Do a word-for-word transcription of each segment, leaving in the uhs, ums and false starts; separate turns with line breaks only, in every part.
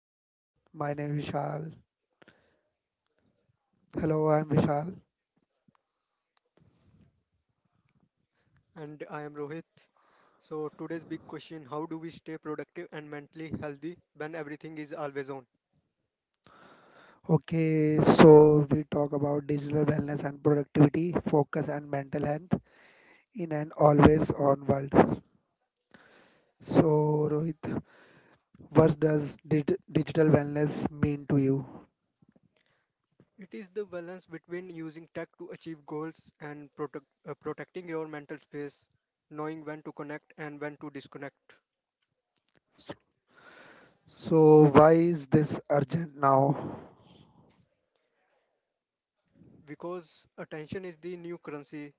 hello, my name is Vishal. Hello, I'm Vishal.
And I am Rohit. So today's question: how do we stay productive and mentally healthy when everything is all zone?
Okay, so we talk about digital wellness and productivity, focus and mental health in an always on world. So, Rohit, what does dig- digital wellness mean to you?
It is the balance between using tech to achieve goals and protect, uh, protecting your mental space, knowing when to connect and when to disconnect.
So, why is this urgent now?
Because attention is the new currency,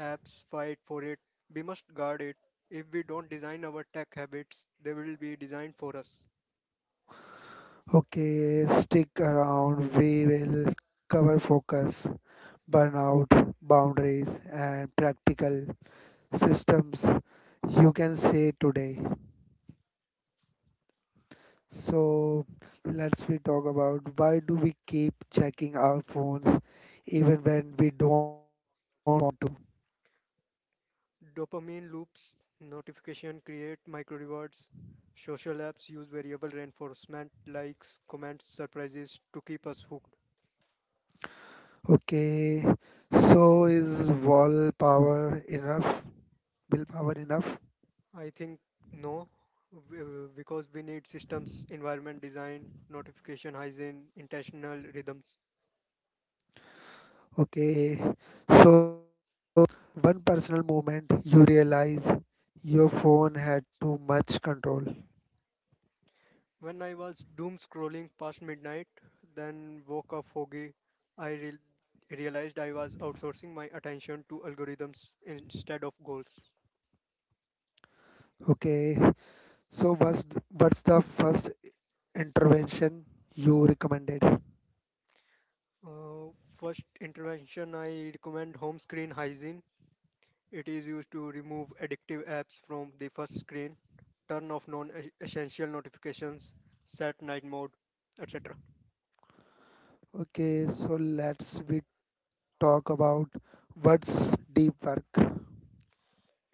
apps fight for it. We must guard it. If we don't design our tech habits, they will be designed for us.
Okay, stick around. We will cover focus, burnout, boundaries, and practical systems you can say today. So let's we talk about why do we keep checking our phones even when we don't
Dopamine loops, notification create micro rewards. Social apps use variable reinforcement, likes, comments, surprises to keep us hooked.
okay so is wall power enough will power enough?
I think no, w- because we need systems, environment design, notification hygiene, intentional rhythms.
Okay so in personal moment you realize your phone had too much control.
When I was doom scrolling past midnight, then woke up foggy, I real realized I was outsourcing my attention to algorithms instead of goals.
Okay so what's what's the first intervention you recommended?
Uh, First intervention, I recommend home screen hygiene. It is used to remove addictive apps from the first screen, turn off non essential notifications, set night mode, et cetera.
Okay so let's we talk about what's deep work.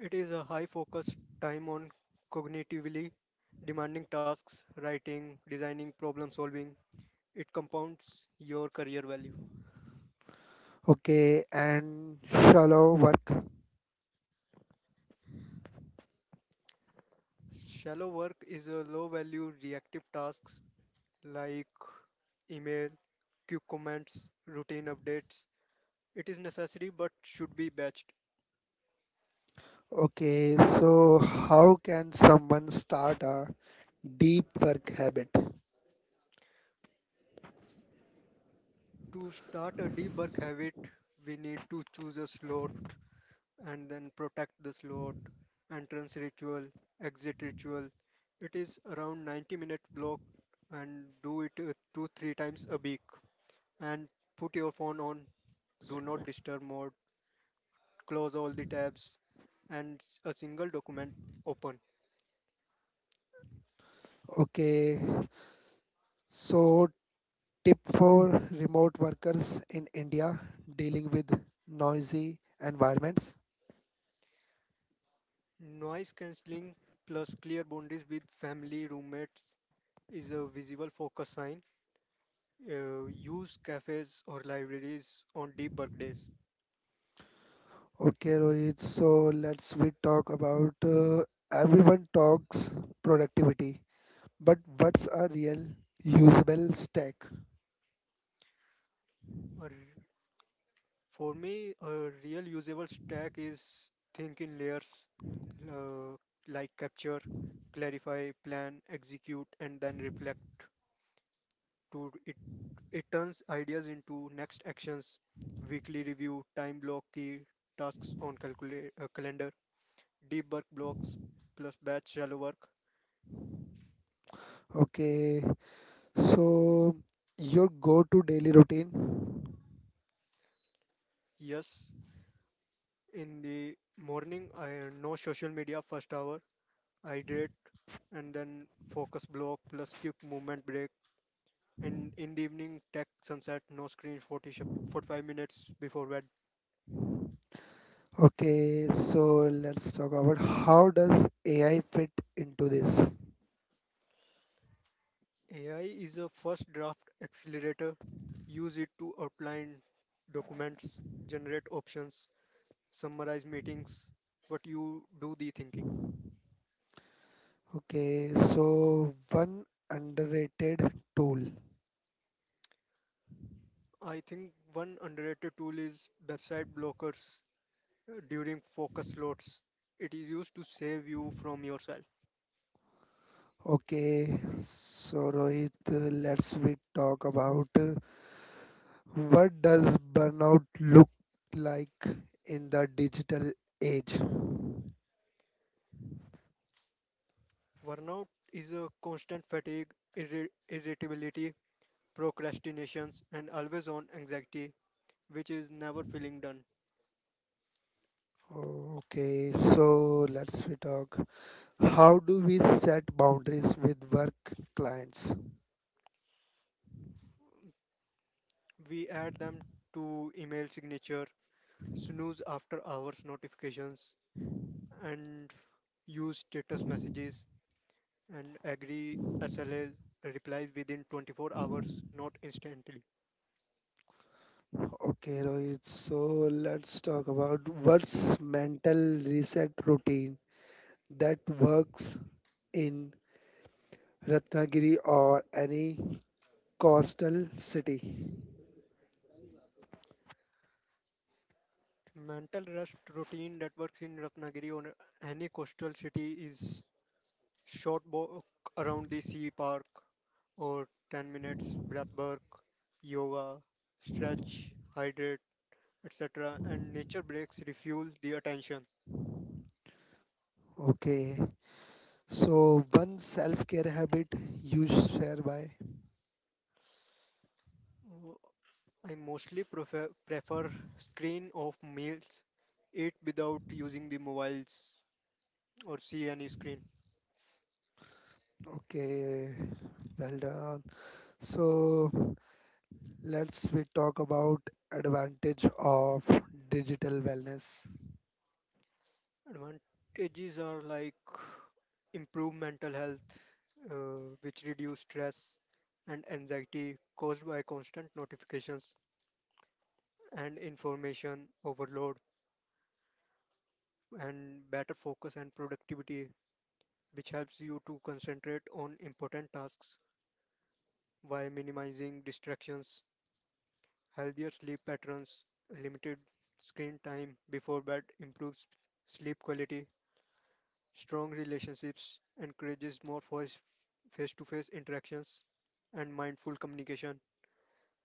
It is a high focus time on cognitively demanding tasks, writing, designing, problem solving. It compounds your career value.
Okay, and shallow work.
Shallow work is a low value reactive tasks like email, quick comments, routine updates. It is necessary but should be batched.
Okay, so how can someone start a deep work habit?
To start a debug habit, we need to choose a slot and then protect the slot, entrance ritual, exit ritual. It is around ninety minute block and do it uh, two three times a week, and put your phone on do not disturb mode, close all the tabs and s- a single document open.
Okay, so tip for remote workers in India dealing with noisy environments.
Noise cancelling plus clear boundaries with family roommates is a visible focus sign. Uh, use cafes or libraries on deep work days.
Okay, Rohit, so let's we talk about uh, everyone talks productivity, but what's a real usable stack?
Or For me, a real usable stack is think in layers, uh, like capture, clarify, plan, execute, and then reflect. To it, it turns ideas into next actions, weekly review, time block key tasks on calcula- uh, calendar, deep work blocks plus batch shallow work.
Okay. So, your go-to daily routine?
Yes, in the morning, I no social media first hour, hydrate, and then focus block plus quick movement break. And in the evening, tech sunset, no screens forty sh- forty-five minutes before bed.
Okay, so let's talk about how does A I fit into this?
A I is a first draft accelerator. Use it to outline documents, generate options, summarize meetings, but you do the thinking.
Okay, so one underrated tool.
I think one underrated tool is website blockers uh, during focus slots. It is used to save you from yourself.
Okay, so Rohit, uh, let's we talk about uh, what does burnout look like in the digital age?
Burnout is a constant fatigue, irri- irritability, procrastinations, and always on anxiety, which is never feeling done.
Okay, so let's we talk. How do we set boundaries with work clients?
We add them to email signature, snooze after hours notifications, and use status messages and agree S L A replies within twenty-four hours, not instantly.
Okay, Rohit. So let's talk about what's mental reset routine that works in Ratnagiri or any coastal city.
Mental rest routine that works in Ratnagiri or any coastal city is short walk around the sea park, or ten minutes breath work, yoga, stretch, hydrate, et cetera. And nature breaks refuel the attention.
Okay. So one self-care habit you share by.
Uh, I mostly prefer, prefer screen off meals, eat without using the mobiles or see any screen.
Okay. Well done. So let's we talk about advantage of digital wellness.
Advantages are like improve mental health, uh, which reduce stress and anxiety caused by constant notifications and information overload, and better focus and productivity, which helps you to concentrate on important tasks while minimizing distractions. Healthier sleep patterns, limited screen time before bed improves sleep quality. Strong relationships encourages more face to face interactions and mindful communication.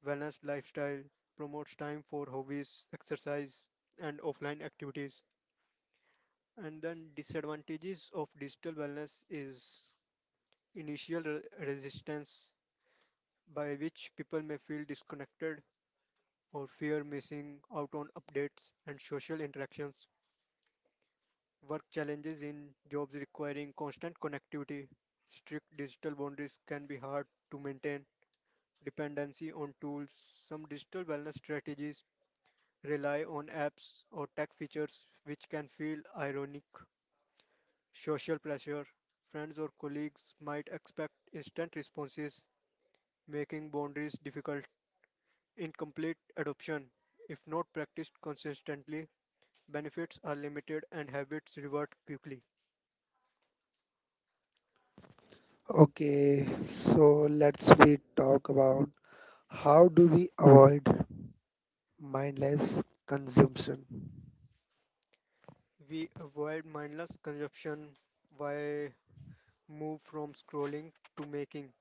Balanced lifestyle promotes time for hobbies, exercise, and offline activities. And then disadvantages of digital wellness is initial re- resistance, by which people may feel disconnected or fear missing out on updates and social interactions. Work challenges in jobs requiring constant connectivity, strict digital boundaries can be hard to maintain, dependency on tools, some digital wellness strategies rely on apps or tech features which can feel ironic, social pressure, friends or colleagues might expect instant responses, making boundaries difficult. Incomplete adoption, if not practiced consistently, benefits are limited and habits revert quickly.
Okay, so let's we talk about how do we avoid mindless consumption?
We avoid mindless consumption by move from scrolling to making.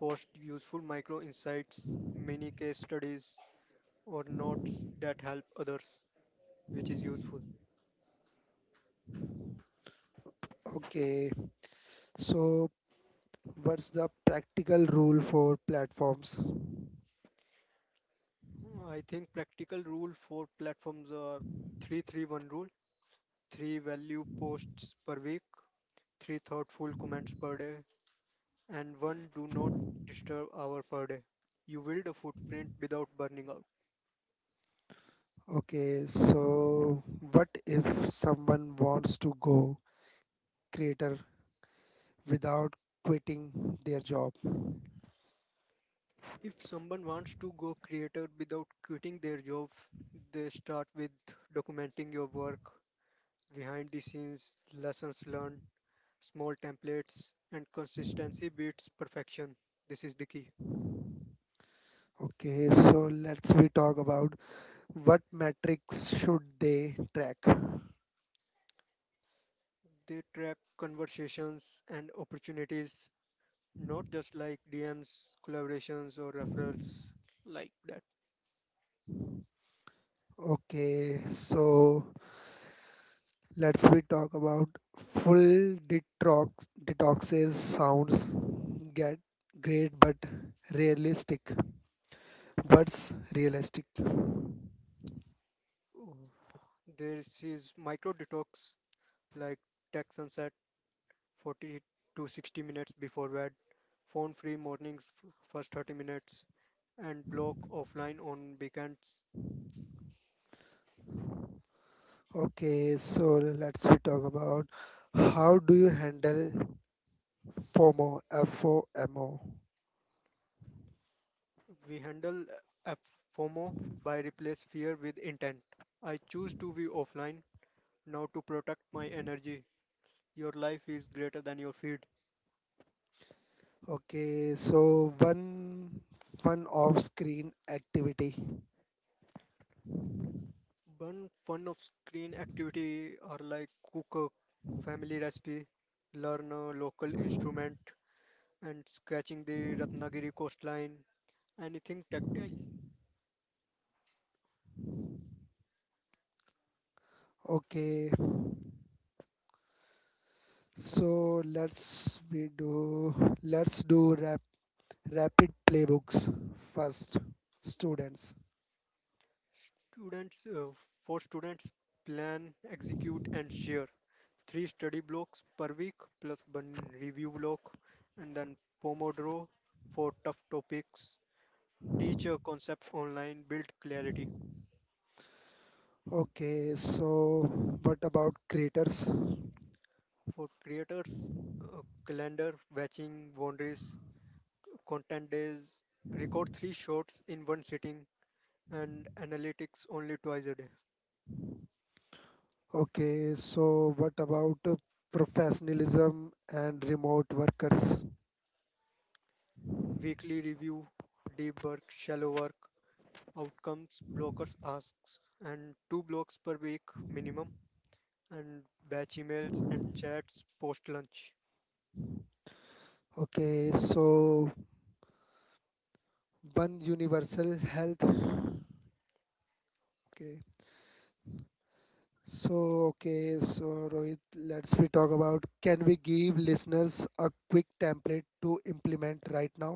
Post useful micro insights, mini case studies, or notes that help others, which is useful.
Okay, so what's the practical rule for platforms?
I think practical rule for platforms are three three one rule, three value posts per week, three thoughtful comments per day, and one do not disturb hour per day. You build a footprint without burning out.
Okay, so what if someone wants to go creator without quitting their job?
If someone wants to go creator without quitting their job, they start with documenting your work, behind the scenes, lessons learned, small templates, and consistency beats perfection. This is the key.
Okay, so let's we talk about what metrics should they track.
They track conversations and opportunities, not just like D Ms, collaborations, or referrals like that.
Okay, so Let's we talk about full detox. Detoxes sounds get great but realistic. What's realistic?
Oh. There is micro detox like tech sunset forty to sixty minutes before bed, phone free mornings f- first thirty minutes, and block offline on weekends.
Okay, so let's we talk about how do you handle FOMO, F O M O.
We handle a FOMO by replace fear with intent. I choose to be offline now to protect my energy. Your life is greater than your feed.
Okay, so one fun off-screen activity.
One fun of screen activity are like cook a family recipe, learn a local instrument, and sketching the Ratnagiri coastline, anything tactile.
Okay, so let's we do let's do rap rapid playbooks first students.
Students, uh, for students, plan, execute, and share. Three study blocks per week plus one review block, and then Pomodoro for tough topics. Teach a concept online, build clarity.
Okay so what about creators?
For creators, uh, calendar, batching, boundaries, content days, record three shots in one sitting, and analytics only twice a day.
Okay so what about uh, professionalism and remote workers?
Weekly review, deep work, shallow work, outcomes blockers asks, and two blocks per week minimum, and batch emails and chats post lunch.
Okay so one universal health okay so okay so Rohit, let's we talk about, can we give listeners a quick template to implement right now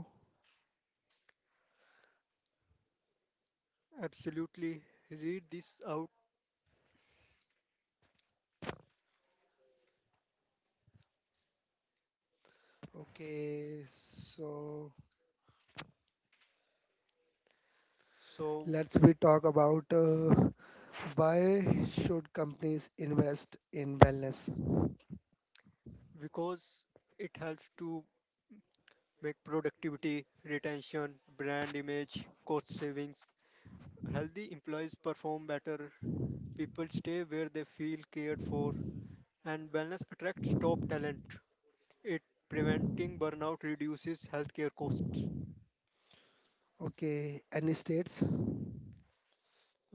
Absolutely, read this out.
okay so
So
Let's we talk about uh, why should companies invest in wellness?
because it helps to make productivity retention brand image cost savings, healthy employees perform better, people stay where they feel cared for, and wellness attracts top talent. It preventing burnout reduces healthcare costs.
Okay, any states?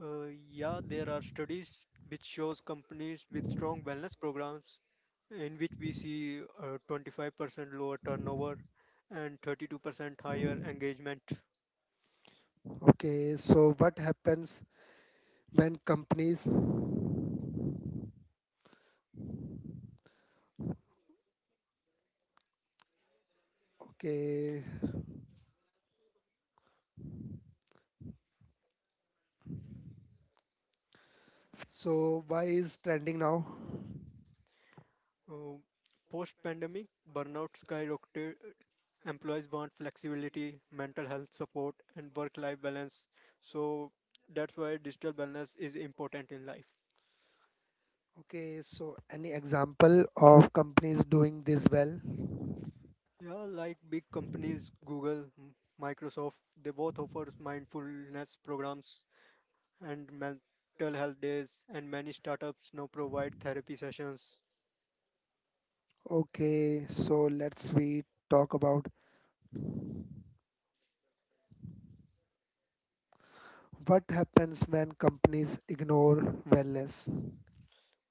Uh, yeah, there are studies which shows companies with strong wellness programs in which we see uh, twenty-five percent lower turnover and thirty-two percent higher engagement.
Okay, so what happens when companies? Okay, so why is trending now?
Um, Post-pandemic, burnout skyrocketed. Employees want flexibility, mental health support, and work-life balance. So that's why digital wellness is important in life.
Okay, so any example of companies doing this well?
Yeah, like big companies, Google, M- Microsoft, they both offer mindfulness programs and mental health days, and many startups now provide therapy sessions.
Okay, so let's we talk about what happens when companies ignore wellness.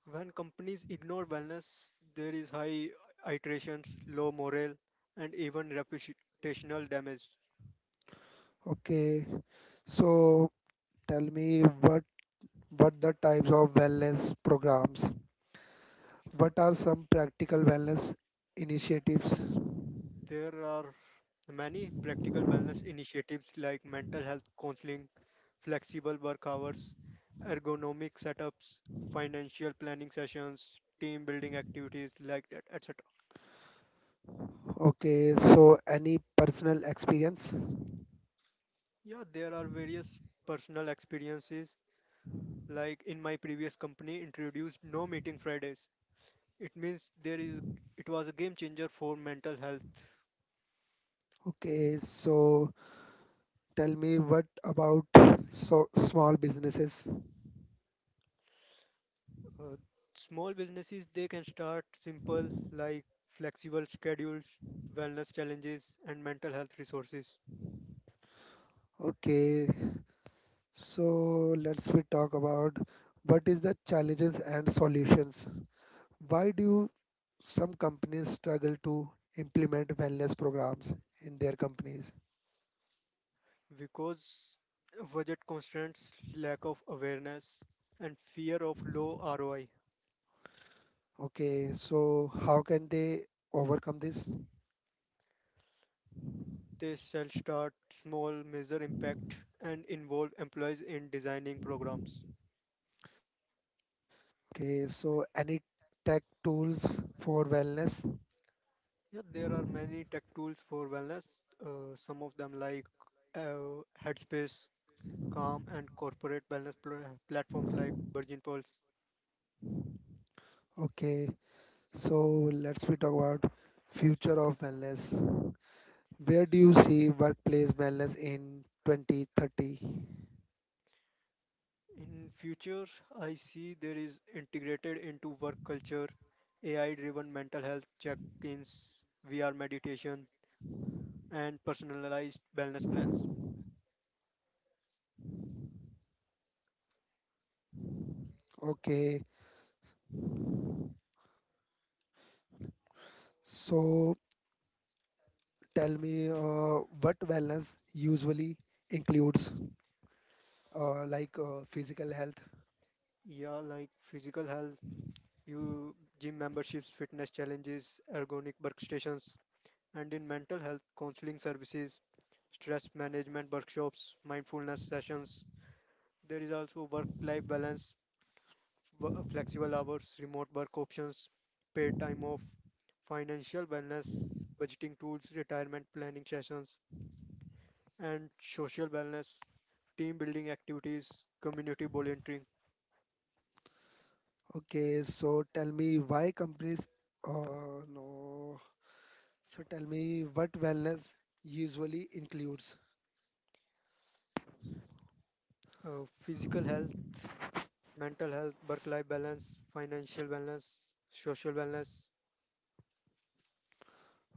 When companies ignore wellness, there is high iterations, low morale, and even reputational damage.
Okay, so tell me what What the types of wellness programs? What are some practical wellness initiatives?
There are many practical wellness initiatives like mental health counseling, flexible work hours, ergonomic setups, financial planning sessions, team building activities like that, et cetera.
Okay, so any personal experience?
Yeah, there are various personal experiences like in my previous company introduced no meeting fridays. It means there is, it was a game changer for mental health.
Okay, so tell me what about so small businesses?
uh, Small businesses, they can start simple like flexible schedules, wellness challenges, and mental health resources.
Okay, so let's we talk about what is the challenges and solutions? Why do some companies struggle to implement wellness programs in their companies?
Because budget constraints, lack of awareness, and fear of low R O I,
Okay, so how can they overcome this?
they shall start small, measure impact, and involve employees in design programs.
Okay, so any tech tools for wellness?
Yeah, there are many tech tools for wellness. Uh, some of them like uh, Headspace, Calm, and corporate wellness pl- platforms like Virgin Pulse.
Okay, so let's we talk about future of wellness. Where do you see workplace wellness in twenty thirty?
In future, I see there is integrated into work culture, A I-driven mental health check-ins, V R meditation, and personalized wellness plans.
Okay, so tell me uh, what wellness usually includes, uh, like uh, physical health.
Yeah, like physical health, you gym memberships, fitness challenges, ergonomic workstations, and in mental health counseling services, stress management workshops, mindfulness sessions. There is also work life balance, w- flexible hours, remote work options, paid time off, financial wellness, budgeting tools, retirement planning sessions, and social wellness, team building activities, community volunteering,
Okay, so tell me why companies. Uh, no. So tell me what wellness usually includes.
uh, physical health, mental health, work life balance, financial wellness, social wellness.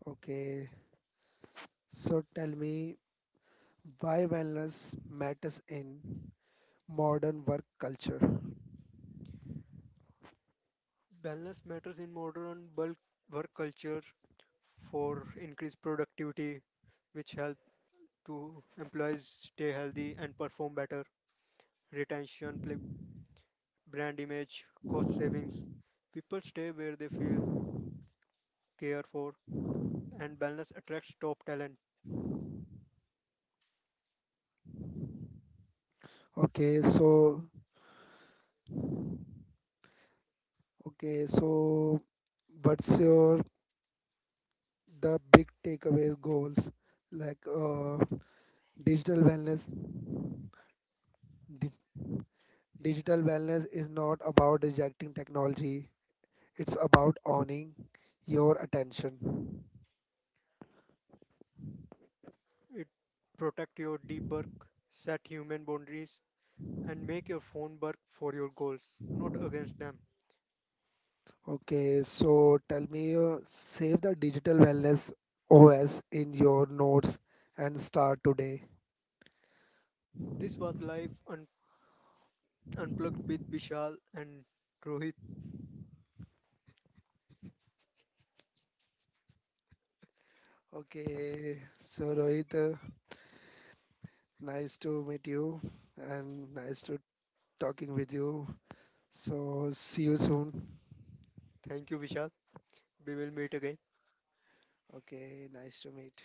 Okay. So tell me why wellness matters in modern work culture.
Balance matters in modern bulk work culture for increased productivity, which help to employees stay healthy and perform better. Retention, pl- brand image, cost savings. People stay where they feel cared for, and balance attracts top talent.
Okay, so okay, so what's your the big takeaway goals like uh, digital wellness? Di- Digital wellness is not about rejecting technology. It's about owning your attention.
It protect your deep work, set human boundaries, and make your phone work for your goals, not against them.
Okay, so tell me, uh, save the digital wellness O S in your notes and start today.
This was Life un- Unplugged with Vishal and Rohit.
Okay, so Rohit, uh, nice to meet you and nice to talking with you. So see you soon.
Thank you, Vishal. We will meet again.
Okay, nice to meet.